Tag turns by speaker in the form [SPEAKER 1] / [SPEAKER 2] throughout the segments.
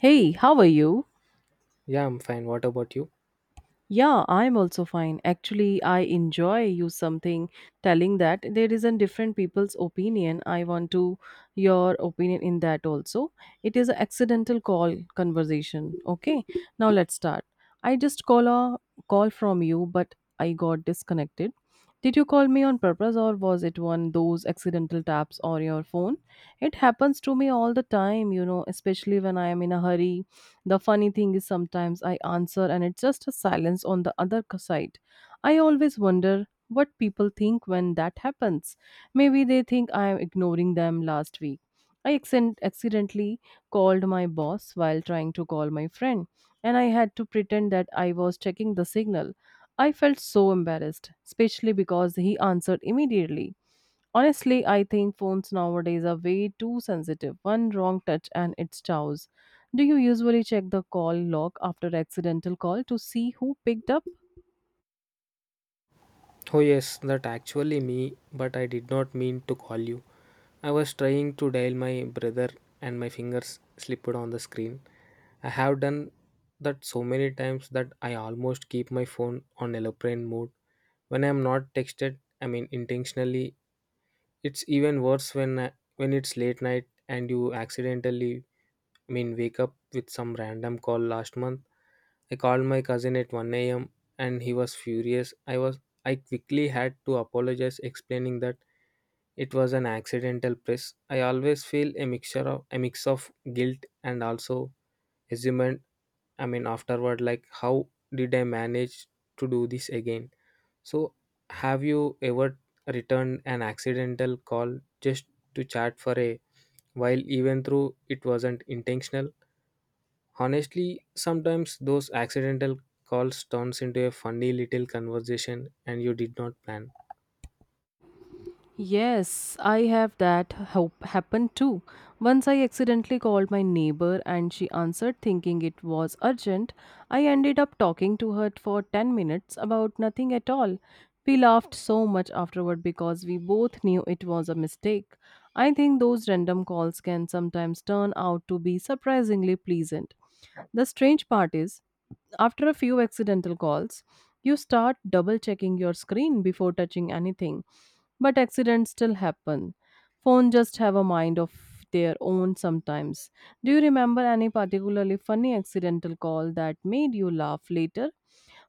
[SPEAKER 1] Hey, how are you?
[SPEAKER 2] Yeah, I'm fine. What about you?
[SPEAKER 1] Yeah, I'm also fine. Actually, I enjoy you something telling that there is a different people's opinion. I want to your opinion in that also. It is an accidental call conversation. Okay, now let's start. I just call a call from you, but I got disconnected. Did you call me on purpose or was it one those accidental taps on your phone? It happens to me all the time, you know, especially when I am in a hurry the funny thing is, sometimes I answer and it's just a silence on the other side. I always wonder what people think when that happens. Maybe they think I am ignoring them last week. I accidentally called my boss while trying to call my friend, and I had to pretend that I was checking the signal. I felt so embarrassed, especially because he answered immediately. Honestly, I think phones nowadays are way too sensitive. One wrong touch and it's chows. Do you usually check the call log after accidental call to see who picked up?
[SPEAKER 2] Oh, yes, that actually me, but I did not mean to call you. I was trying to dial my brother and my fingers slipped on the screen. I have done that so many times that I almost keep my phone on aeroplane mode. When I'm not texted, I mean intentionally, it's even worse when when it's late night and you accidentally, I mean, wake up with some random call last month. I called my cousin at 1 a.m. and he was furious. I quickly had to apologize, explaining that it was an accidental press. I always feel a mix of guilt and also assumption. I mean afterward, like, how did I manage to do this again? So have you ever returned an accidental call just to chat for a while, even though it wasn't intentional? Honestly, sometimes those accidental calls turns into a funny little conversation and you did not plan.
[SPEAKER 1] Yes, I have that happen too. Once I accidentally called my neighbor and she answered thinking it was urgent. I ended up talking to her for 10 minutes about nothing at all. We laughed so much afterward because we both knew it was a mistake. I think those random calls can sometimes turn out to be surprisingly pleasant. The strange part is, after a few accidental calls, you start double checking your screen before touching anything. But accidents still happen. Phone just have a mind of their own sometimes. Do you remember any particularly funny accidental call that made you laugh later?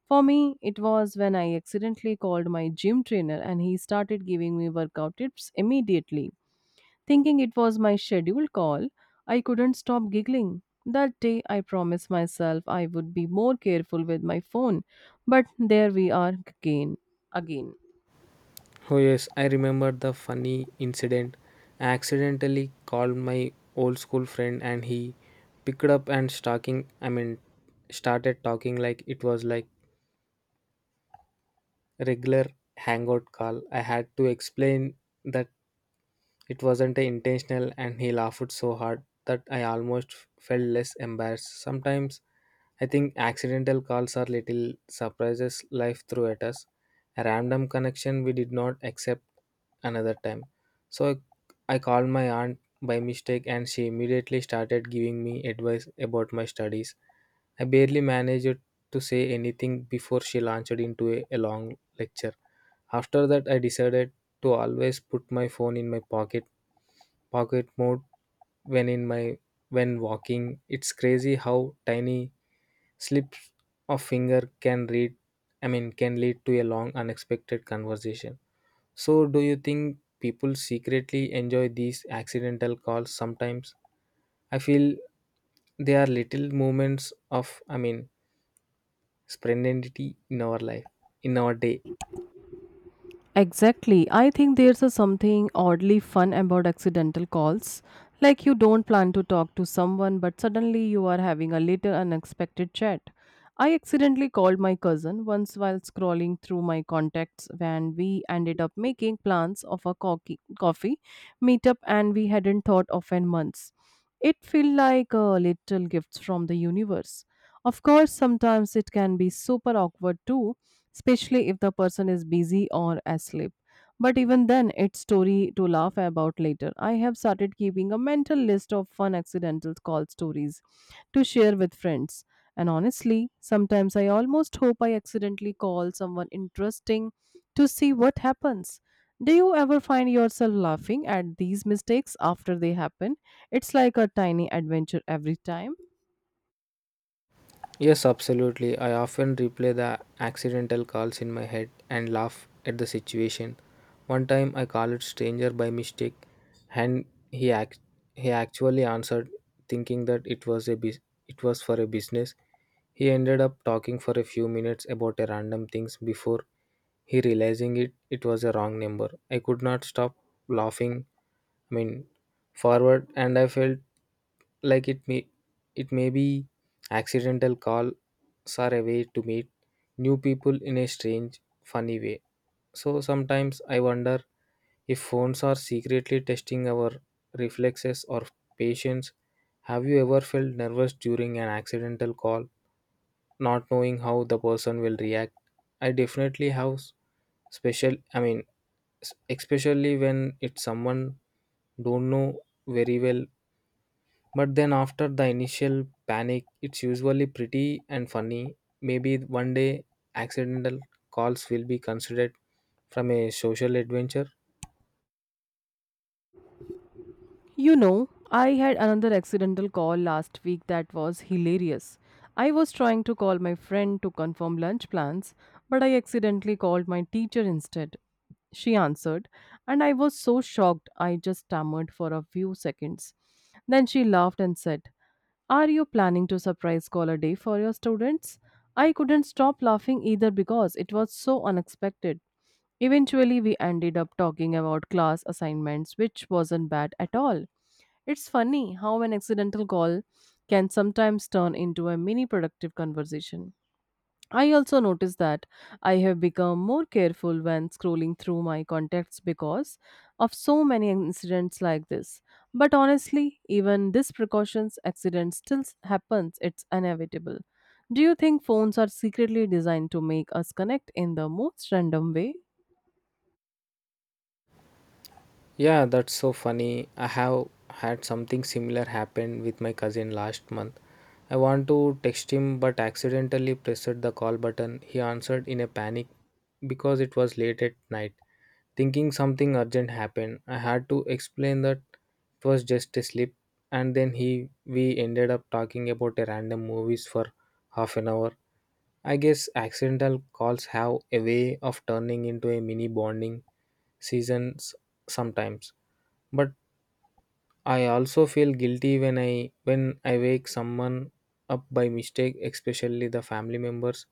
[SPEAKER 1] For me, it was when I accidentally called my gym trainer and he started giving me workout tips immediately. Thinking it was my scheduled call, I couldn't stop giggling. That day, I promised myself I would be more careful with my phone, but there we are again. Again.
[SPEAKER 2] Oh yes, I remember the funny incident. I accidentally called my old school friend and he picked up and stalking, I mean, started talking like it was like regular hangout call. I had to explain that it wasn't intentional, and he laughed so hard that I almost felt less embarrassed. Sometimes I think accidental calls are little surprises life threw at us. A random connection we did not accept another time. So I called my aunt by mistake and she immediately started giving me advice about my studies. I barely managed to say anything before she launched into a long lecture. After that, I decided to always put my phone in my pocket mode, when in my when walking. It's crazy how tiny slips of finger can read I mean can lead to a long unexpected conversation. So do you think people secretly enjoy these accidental calls sometimes? I feel they are little moments of, I mean, spontaneity in our day.
[SPEAKER 1] Exactly. I think there's a something oddly fun about accidental calls. Like you don't plan to talk to someone, but suddenly you are having a little unexpected chat. I accidentally called my cousin once while scrolling through my contacts when we ended up making plans of a coffee meetup and we hadn't thought of in months. It felt like a little gift from the universe. Of course, sometimes it can be super awkward too especially if the person is busy or asleep. But even then, it's story to laugh about later. I have started keeping a mental list of fun accidental call stories to share with friends. And honestly, sometimes I almost hope I accidentally call someone interesting to see what happens. Do you ever find yourself laughing at these mistakes after they happen? It's like a tiny adventure every time.
[SPEAKER 2] Yes, absolutely. I often replay the accidental calls in my head and laugh at the situation. One time I called a stranger by mistake, and he act- he actually answered, thinking that it was for a business. He ended up talking for a few minutes about a random things before he realizing it was a wrong number. I could not stop laughing, I mean, forward, and I felt like it may be accidental calls are a way to meet new people in a strange, funny way. So sometimes I wonder if phones are secretly testing our reflexes or patience. Have you ever felt nervous during an accidental call, not knowing how the person will react? I definitely have special. I mean, especially when it's someone don't know very well. But then after the initial panic, it's usually pretty and funny. Maybe one day accidental calls will be considered from a social adventure.
[SPEAKER 1] You know, I had another accidental call last week that was hilarious. I was trying to call my friend to confirm lunch plans, but I accidentally called my teacher instead. She answered, and I was so shocked I just stammered for a few seconds. Then she laughed and said, "Are you planning to surprise call a day for your students?" I couldn't stop laughing either because it was so unexpected. Eventually, we ended up talking about class assignments, which wasn't bad at all. It's funny how an accidental call can sometimes turn into a mini productive conversation. I also notice that I have become more careful when scrolling through my contacts because of so many incidents like this. But honestly, even this precautions accident still happens, it's inevitable. Do you think phones are secretly designed to make us connect in the most random way?
[SPEAKER 2] Yeah, that's so funny. I have had something similar happen with my cousin last month. I want to text him but accidentally pressed the call button. He answered in a panic because it was late at night. Thinking something urgent happened, I had to explain that it was just a slip, and then he we ended up talking about a random movies for half an hour. I guess accidental calls have a way of turning into a mini bonding seasons sometimes. But I also feel guilty when I wake someone up by mistake, especially the family members.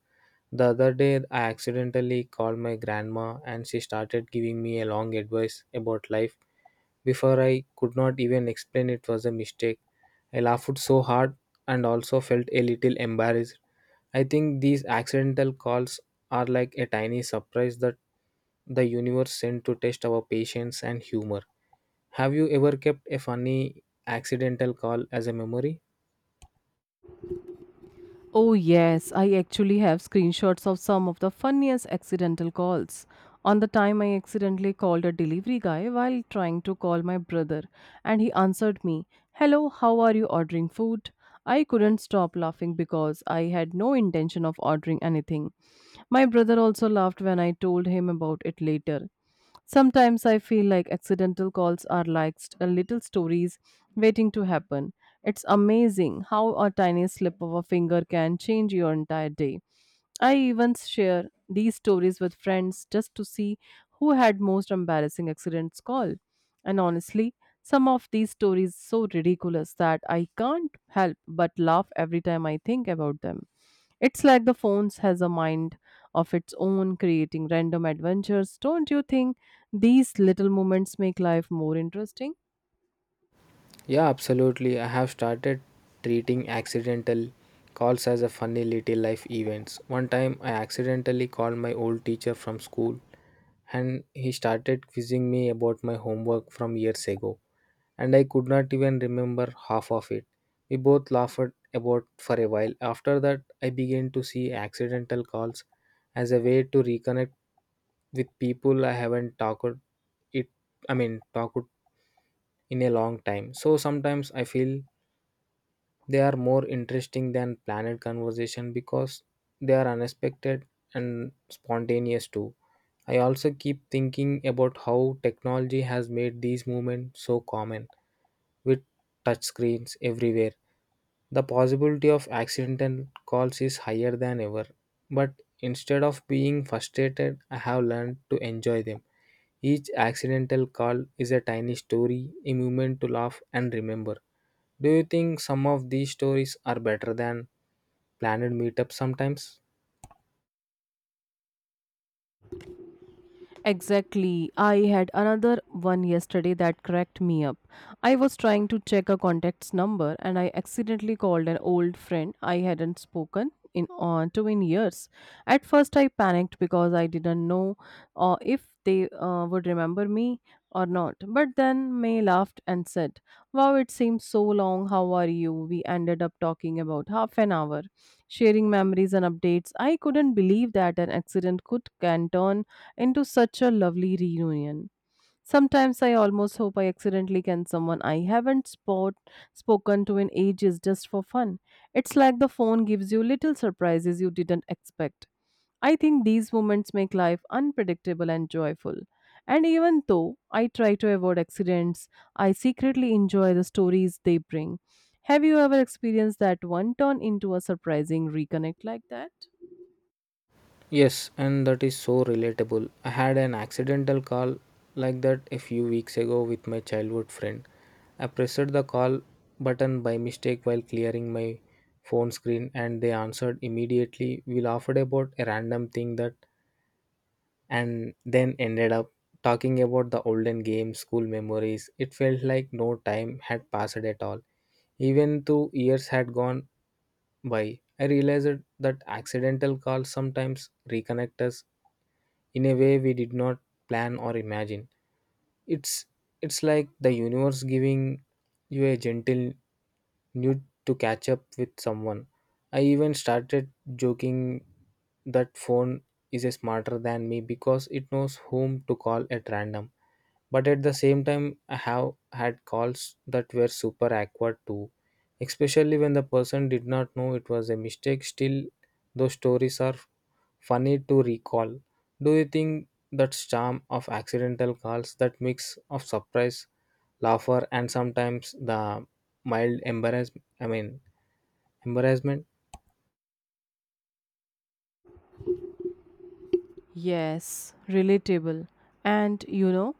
[SPEAKER 2] The other day I accidentally called my grandma, and she started giving me a long advice about life before I could not even explain it was a mistake. I laughed so hard and also felt a little embarrassed. I think these accidental calls are like a tiny surprise that the universe sent to test our patience and humor. Have you ever kept a funny accidental call as a memory?
[SPEAKER 1] Oh, yes, I actually have screenshots of some of the funniest accidental calls. On the time I accidentally called a delivery guy while trying to call my brother, and he answered me, "Hello, how are you ordering food?" I couldn't stop laughing because I had no intention of ordering anything. My brother also laughed when I told him about it later. Sometimes I feel like accidental calls are like little stories waiting to happen. It's amazing how a tiny slip of a finger can change your entire day. I even share these stories with friends just to see who had most embarrassing accidents call. And honestly, some of these stories so ridiculous that I can't help but laugh every time I think about them. It's like the phones has a mind of its own creating random adventures. Don't you think these little moments make life more interesting?
[SPEAKER 2] Yeah, absolutely. I have started treating accidental calls as a funny little life events. One time I accidentally called my old teacher from school, and he started quizzing me about my homework from years ago. And I could not even remember half of it. We both laughed about for a while. After that, I began to see accidental calls as a way to reconnect with people I haven't talked it I mean talked in a long time. So sometimes I feel they are more interesting than planned conversation, because they are unexpected and spontaneous too. I also keep thinking about how technology has made these movements so common, with touchscreens everywhere. The possibility of accidental calls is higher than ever, but instead of being frustrated, I have learned to enjoy them. Each accidental call is a tiny story, a moment to laugh and remember. Do you think some of these stories are better than planned meetups sometimes?
[SPEAKER 1] Exactly. I had another one yesterday that cracked me up. I was trying to check a contact's number and I accidentally called an old friend I hadn't spoken in on to in years. At first I panicked because I didn't know if they would remember me or not. But then May laughed and said, "Wow, it seems so long. How are you?" We ended up talking about half an hour, sharing memories and updates. I couldn't believe that an accident could can turn into such a lovely reunion. Sometimes I almost hope I accidentally can someone I haven't spoken to in ages just for fun. It's like the phone gives you little surprises you didn't expect. I think these moments make life unpredictable and joyful. And even though I try to avoid accidents, I secretly enjoy the stories they bring. Have you ever experienced that one turn into a surprising reconnect like that?
[SPEAKER 2] Yes, and that is so relatable. I had an accidental call like that a few weeks ago with my childhood friend. I pressed the call button by mistake while clearing my phone screen, and they answered immediately. We laughed about a random thing that, and then ended up talking about the olden games, school memories. It felt like no time had passed at all, even though years had gone by. I realized that accidental calls sometimes reconnect us in a way we did not plan or imagine. It's it's like the universe giving you a gentle need to catch up with someone. I even started joking that phone is smarter than me because it knows whom to call at random. But at the same time, I have had calls that were super awkward too, especially when the person did not know it was a mistake. Still, those stories are funny to recall. Do you think that charm of accidental calls, that mix of surprise, laughter, and sometimes the mild embarrassment? I mean, embarrassment.
[SPEAKER 1] Yes, relatable. And you know,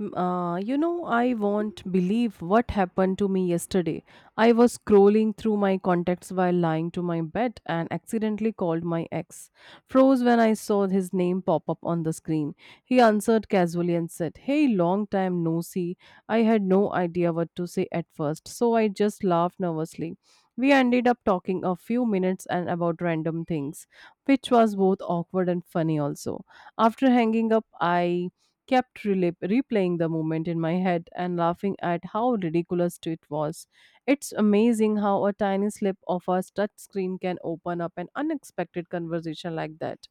[SPEAKER 1] I won't believe what happened to me yesterday. I was scrolling through my contacts while lying to my bed and accidentally called my ex. Froze when I saw his name pop up on the screen. He answered casually and said, "Hey, long time no see." I had no idea what to say at first, so I just laughed nervously. We ended up talking a few minutes and about random things which was both awkward and funny also. After hanging up, I kept replaying the moment in my head and laughing at how ridiculous it was. It's amazing how a tiny slip of a touch screen can open up an unexpected conversation like that.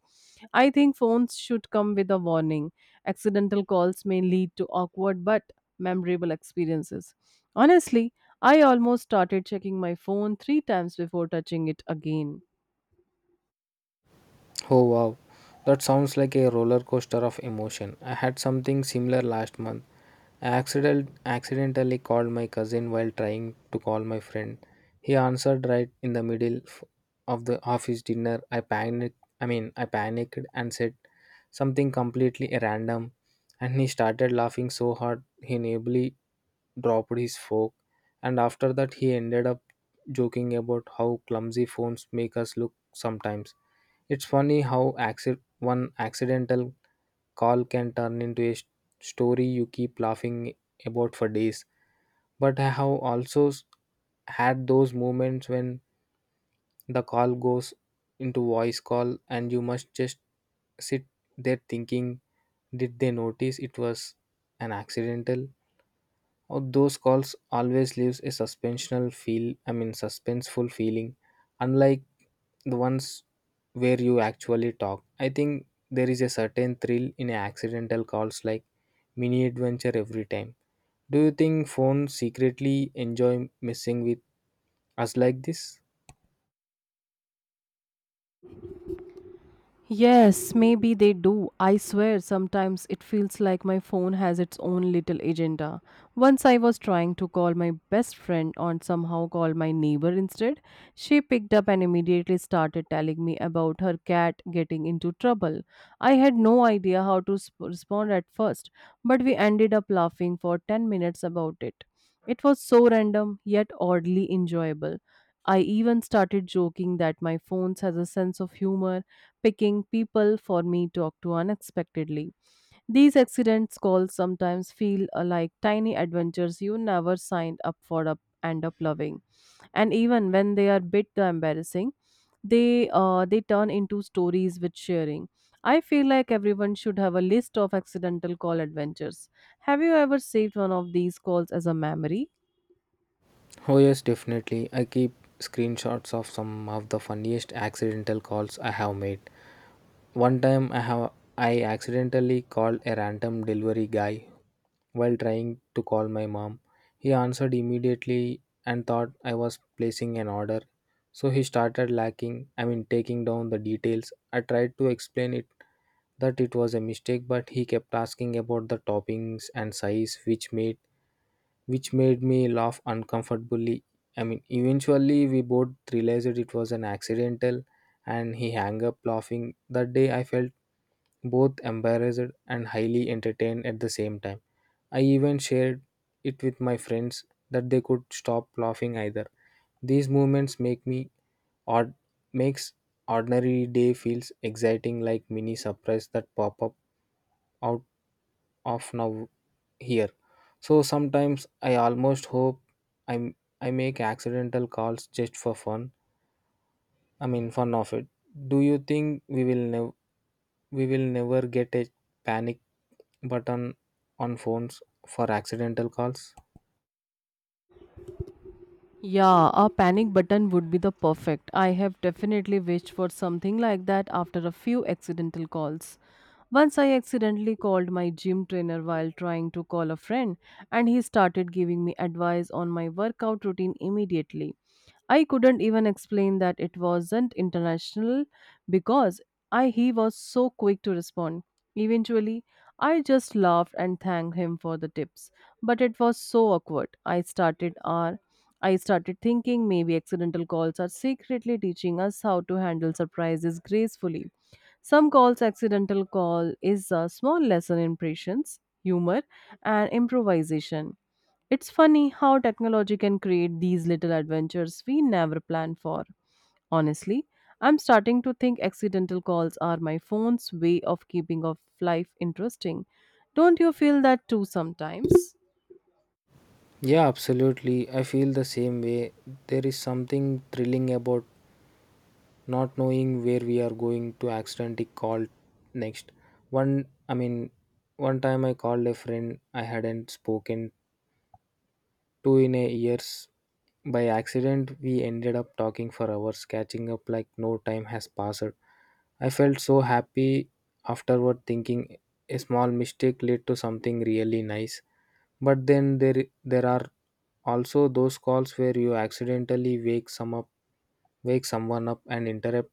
[SPEAKER 1] I think phones should come with a warning. Accidental calls may lead to awkward but memorable experiences. Honestly, I almost started checking my phone three times before touching it again.
[SPEAKER 2] Oh wow, that sounds like a roller coaster of emotion. I had something similar last month. I accident- accidentally called my cousin while trying to call my friend. He answered right in the middle of the office dinner. I panicked. I mean, I panicked and said something completely random, and he started laughing so hard he nearly dropped his fork. And after that, he ended up joking about how clumsy phones make us look sometimes. It's funny how one accidental call can turn into a story you keep laughing about for days. But I have also had those moments when the call goes into voice call and you must just sit there thinking, did they notice it was an accidental? Or those calls always leaves a suspensional feel I mean suspenseful feeling, unlike the ones where you actually talk. I think there is a certain thrill in accidental calls, like mini adventure every time. Do you think phones secretly enjoy messing with us like this?
[SPEAKER 1] Yes, maybe they do. I swear, sometimes it feels like my phone has its own little agenda. Once I was trying to call my best friend and somehow called my neighbor instead. She picked up and immediately started telling me about her cat getting into trouble. I had no idea how to respond at first, but we ended up laughing for 10 minutes about it. It was so random, yet oddly enjoyable. I even started joking that my phone has a sense of humor picking people for me talk to unexpectedly. These accidents calls sometimes feel like tiny adventures you never signed up for up end up loving. And even when they are bit the embarrassing, they turn into stories with sharing. I feel like everyone should have a list of accidental call adventures. Have you ever saved one of these calls as a memory?
[SPEAKER 2] Oh, yes, definitely. I keep screenshots of some of the funniest accidental calls I have made. One time I accidentally called a random delivery guy while trying to call my mom. He answered immediately and thought I was placing an order. So he started lacking, I mean, taking down the details. I tried to explain it that it was a mistake, but he kept asking about the toppings and size which made me laugh uncomfortably. I mean, eventually we both realized it was an accidental and he hung up laughing. That day I felt both embarrassed and highly entertained at the same time. I even shared it with my friends that they could stop laughing either. These moments make me, or makes, ordinary day feels exciting, like mini surprise that pop up out of now here. So sometimes I almost hope I'm I make accidental calls just for fun. I mean fun of it. Do you think we will never get a panic button on phones for accidental calls?
[SPEAKER 1] Yeah, a panic button would be the perfect. I have definitely wished for something like that after a few accidental calls. Once I accidentally called my gym trainer while trying to call a friend, and he started giving me advice on my workout routine immediately. I couldn't even explain that it wasn't international because I he was so quick to respond. Eventually, I just laughed and thanked him for the tips, but it was so awkward. I started thinking maybe accidental calls are secretly teaching us how to handle surprises gracefully. Some calls accidental call is a small lesson in patience, humor, and improvisation. It's funny how technology can create these little adventures we never planned for. Honestly, I'm starting to think accidental calls are my phone's way of keeping of life interesting. Don't you feel that too sometimes?
[SPEAKER 2] Yeah, absolutely. I feel the same way. There is something thrilling about not knowing where we are going to accidentally call next. One, I mean, one time I called a friend I hadn't spoken two in a years. By accident, we ended up talking for hours, catching up like no time has passed. I felt so happy afterward, thinking a small mistake led to something really nice. But then there are also those calls where you accidentally wake someone up, and interrupt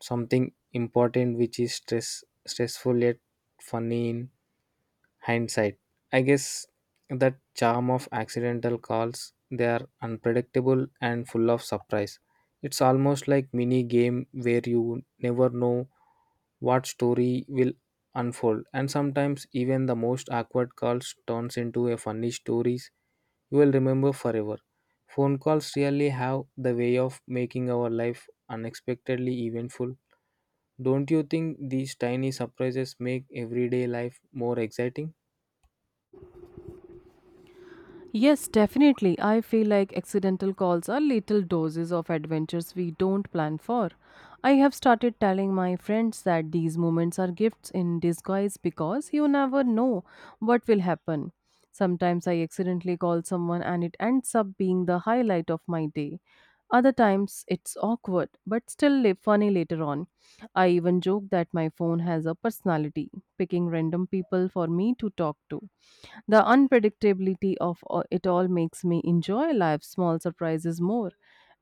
[SPEAKER 2] something important, which is stressful yet funny in hindsight. I guess that charm of accidental calls, they are unpredictable and full of surprise. It's almost like mini game where you never know what story will unfold, and sometimes even the most awkward calls turns into a funny stories you will remember forever. Phone calls really have the way of making our life unexpectedly eventful. Don't you think these tiny surprises make everyday life more exciting?
[SPEAKER 1] Yes, definitely. I feel like accidental calls are little doses of adventures we don't plan for. I have started telling my friends that these moments are gifts in disguise because you never know what will happen. Sometimes I accidentally call someone and it ends up being the highlight of my day. Other times it's awkward but still funny later on. I even joke that my phone has a personality, picking random people for me to talk to. The unpredictability of it all makes me enjoy life's small surprises more.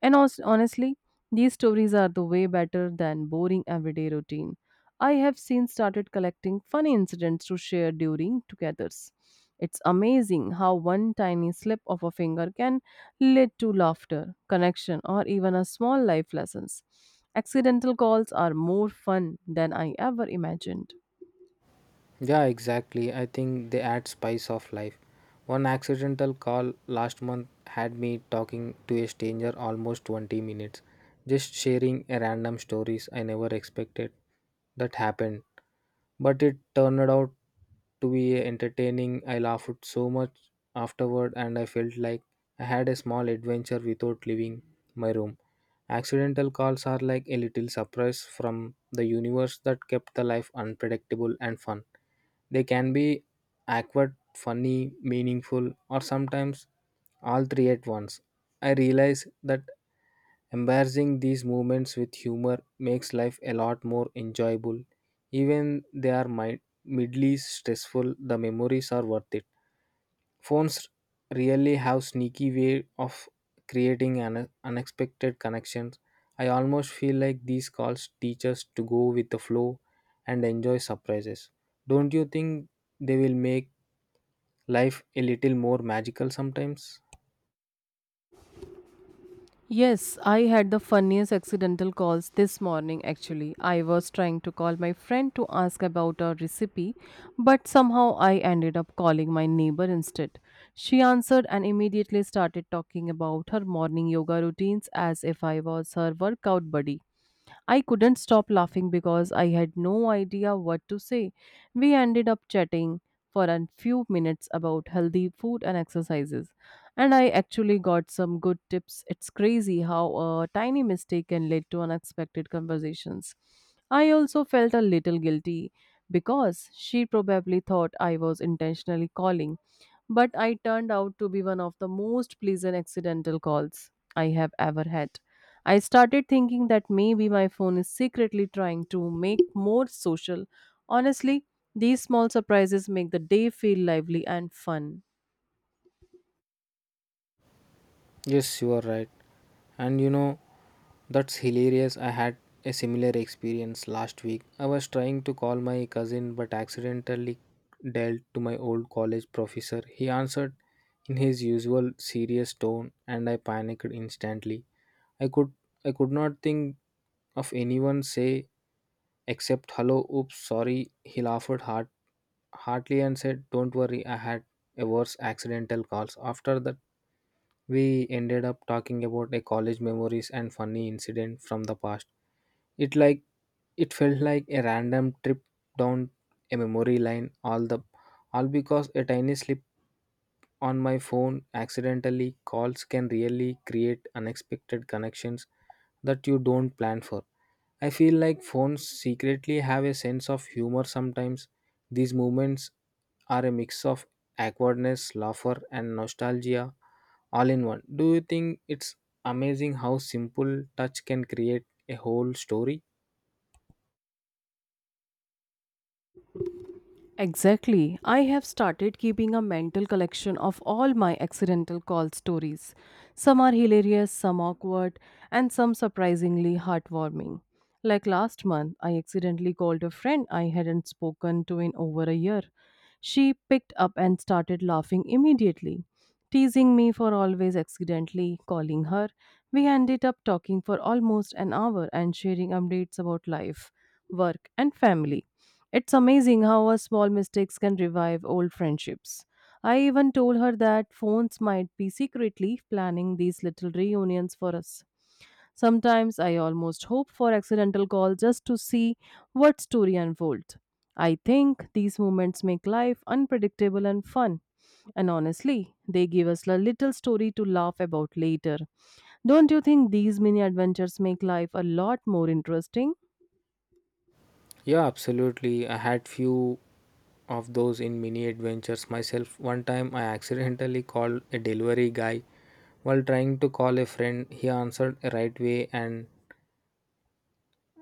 [SPEAKER 1] And also, honestly, these stories are the way better than boring everyday routine. I have since started collecting funny incidents to share during togethers. It's amazing how one tiny slip of a finger can lead to laughter, connection, or even a small life lessons. Accidental calls are more fun than I ever imagined.
[SPEAKER 2] Yeah, exactly. I think they add spice of life. One accidental call last month had me talking to a stranger almost 20 minutes, just sharing a random stories I never expected that happened. But it turned out to be entertaining. I laughed so much afterward and I felt like I had a small adventure without leaving my room. Accidental calls are like a little surprise from the universe that kept the life unpredictable and fun. They can be awkward, funny, meaningful, or sometimes all three at once. I realize that embarrassing these moments with humor makes life a lot more enjoyable. Even they are mildly stressful, the memories are worth it. Phones really have sneaky way of creating an unexpected connections. I almost feel like these calls teach us to go with the flow and enjoy surprises. Don't you think they will make life a little more magical sometimes?
[SPEAKER 1] Yes, I had the funniest accidental calls this morning actually. I was trying to call my friend to ask about a recipe, but somehow I ended up calling my neighbor instead. She answered and immediately started talking about her morning yoga routines as if I was her workout buddy. I couldn't stop laughing because I had no idea what to say. We ended up chatting for a few minutes about healthy food and exercises, and I actually got some good tips. It's crazy how a tiny mistake can lead to unexpected conversations. I also felt a little guilty because she probably thought I was intentionally calling, but I turned out to be one of the most pleasant accidental calls I have ever had. I started thinking that maybe my phone is secretly trying to make more social. Honestly, these small surprises make the day feel lively and fun.
[SPEAKER 2] Yes, you are right. And you know, that's hilarious. I had a similar experience last week. I was trying to call my cousin but accidentally dealt to my old college professor. He answered in his usual serious tone and I panicked instantly. I could I could not think of anyone say except, hello, oops, sorry, he laughed heartily and said, don't worry, I had a worse accidental calls. After that, we ended up talking about a college memories and funny incident from the past. It like it felt like a random trip down a memory lane, all because a tiny slip on my phone accidentally calls can really create unexpected connections that you don't plan for. I feel like phones secretly have a sense of humor sometimes. These moments are a mix of awkwardness, laughter, and nostalgia all in one. Do you think it's amazing how simple touch can create a whole story?
[SPEAKER 1] Exactly. I have started keeping a mental collection of all my accidental call stories. Some are hilarious, some awkward, and some surprisingly heartwarming. Like last month, I accidentally called a friend I hadn't spoken to in over a year. She picked up and started laughing immediately, teasing me for always accidentally calling her. We ended up talking for almost an hour and sharing updates about life, work, and family. It's amazing how our small mistakes can revive old friendships. I even told her that phones might be secretly planning these little reunions for us. Sometimes I almost hope for accidental calls just to see what story unfolds. I think these moments make life unpredictable and fun. And honestly, they give us a little story to laugh about later. Don't you think these mini adventures make life a lot more interesting?
[SPEAKER 2] Yeah, absolutely. I had few of those in mini adventures myself. One time I accidentally called a delivery guy while trying to call a friend. He answered right way and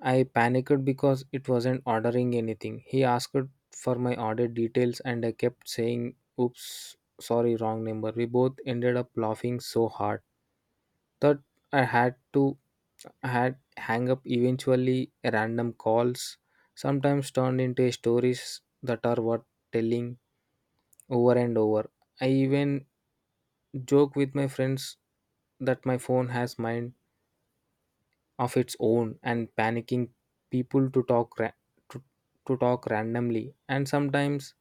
[SPEAKER 2] I panicked because it wasn't ordering anything. He asked for my order details and I kept saying, oops, sorry, wrong number. We both ended up laughing so hard that I had to I had hang up eventually. Random calls sometimes turned into stories that are worth telling over and over. I even joke with my friends that my phone has mind of its own and panicking people to talk to, to talk randomly, and sometimes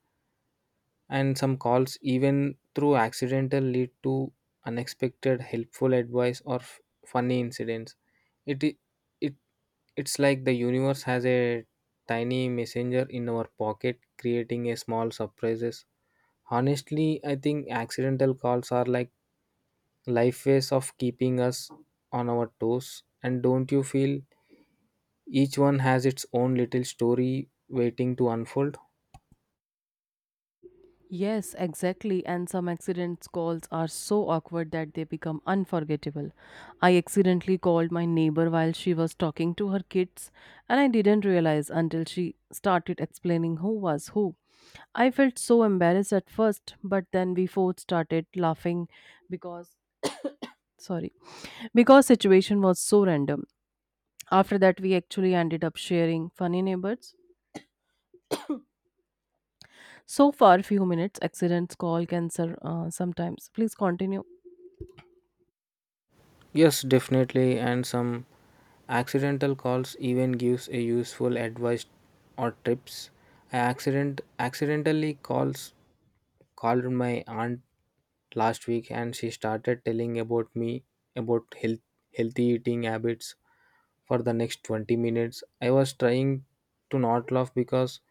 [SPEAKER 2] and some calls even through accidental lead to unexpected helpful advice or funny incidents. It I- it It's like the universe has a tiny messenger in our pocket creating a small surprises. Honestly, I think accidental calls are like life ways of keeping us on our toes, and don't you feel each one has its own little story waiting to unfold?
[SPEAKER 1] Yes, exactly. And some accident calls are so awkward that they become unforgettable. I accidentally called my neighbor while she was talking to her kids, and I didn't realize until she started explaining who was who. I felt so embarrassed at first, but then we both started laughing because, sorry, because situation was so random. After that, we actually ended up sharing funny neighbors. So far, few minutes accidents call cancer sometimes. Please continue.
[SPEAKER 2] Yes, definitely. And some accidental calls even gives a useful advice or tips. I accident accidentally calls called my aunt last week and she started telling about me about healthy eating habits for the next 20 minutes. I was trying to not laugh because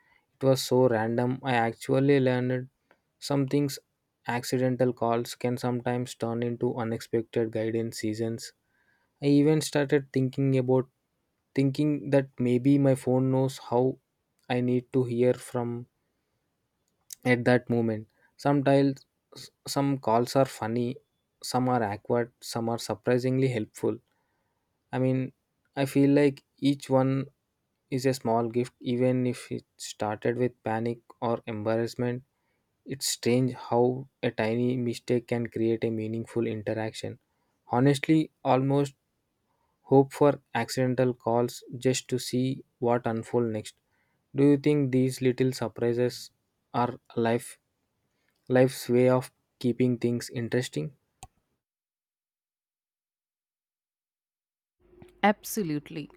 [SPEAKER 2] it was so random. I actually learned some things. Accidental calls can sometimes turn into unexpected guidance seasons. I even started thinking that maybe my phone knows how I need to hear from at that moment. Sometimes some calls are funny, some are awkward, some are surprisingly helpful. I mean, I feel like each one is a small gift, even if it started with panic or embarrassment. It's strange how a tiny mistake can create a meaningful interaction. Honestly, almost hope for accidental calls just to see what unfolds next. Do you think these little surprises are life's way of keeping things interesting?
[SPEAKER 1] Absolutely.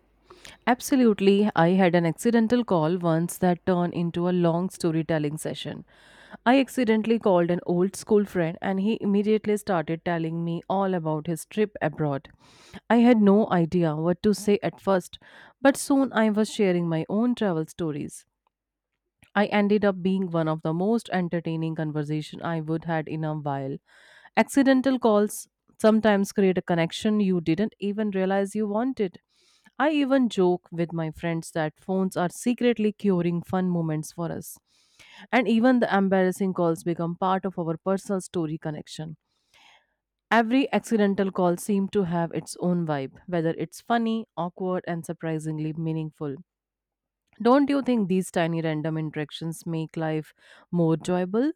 [SPEAKER 1] Absolutely. I had an accidental call once that turned into a long storytelling session. I accidentally called an old school friend and he immediately started telling me all about his trip abroad. I had no idea what to say at first, but soon I was sharing my own travel stories. I ended up being one of the most entertaining conversation I would had in a while. Accidental calls sometimes create a connection you didn't even realize you wanted. I even joke with my friends that phones are secretly curing fun moments for us. And even the embarrassing calls become part of our personal story connection. Every accidental call seemed to have its own vibe, whether it's funny, awkward, and surprisingly meaningful. Don't you think these tiny random interactions make life more enjoyable?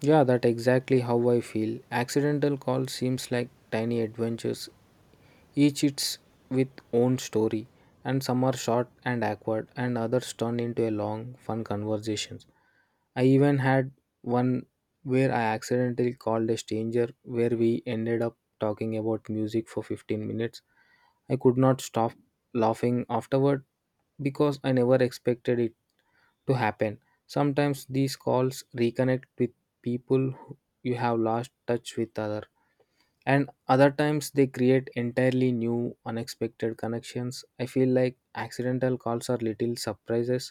[SPEAKER 2] Yeah, that exactly how I feel. Accidental call seems like tiny adventures, each its with own story, and some are short and awkward, and others turn into a long, fun conversations. I even had one where I accidentally called a stranger where we ended up talking about music for 15 minutes. I could not stop laughing afterward because I never expected it to happen. Sometimes these calls reconnect with people who- you have lost touch with other, and other times they create entirely new unexpected connections. I feel like accidental calls are little surprises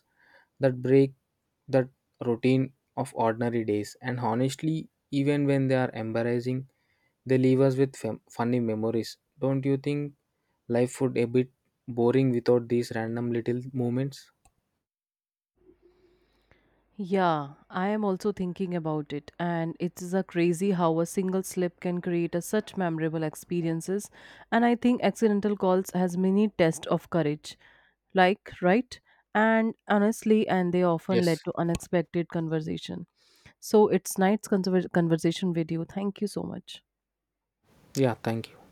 [SPEAKER 2] that break that routine of ordinary days, and honestly, even when they are embarrassing, they leave us with funny memories. Don't you think life would a bit boring without these random little moments?
[SPEAKER 1] Yeah, I am also thinking about it, and it is a crazy how a single slip can create a such memorable experiences. And I think accidental calls has many tests of courage, like right and honestly, and they often led
[SPEAKER 2] Yes.
[SPEAKER 1] to unexpected conversation. So it's nice conversation with you. Thank you so much.
[SPEAKER 2] Yeah, thank you.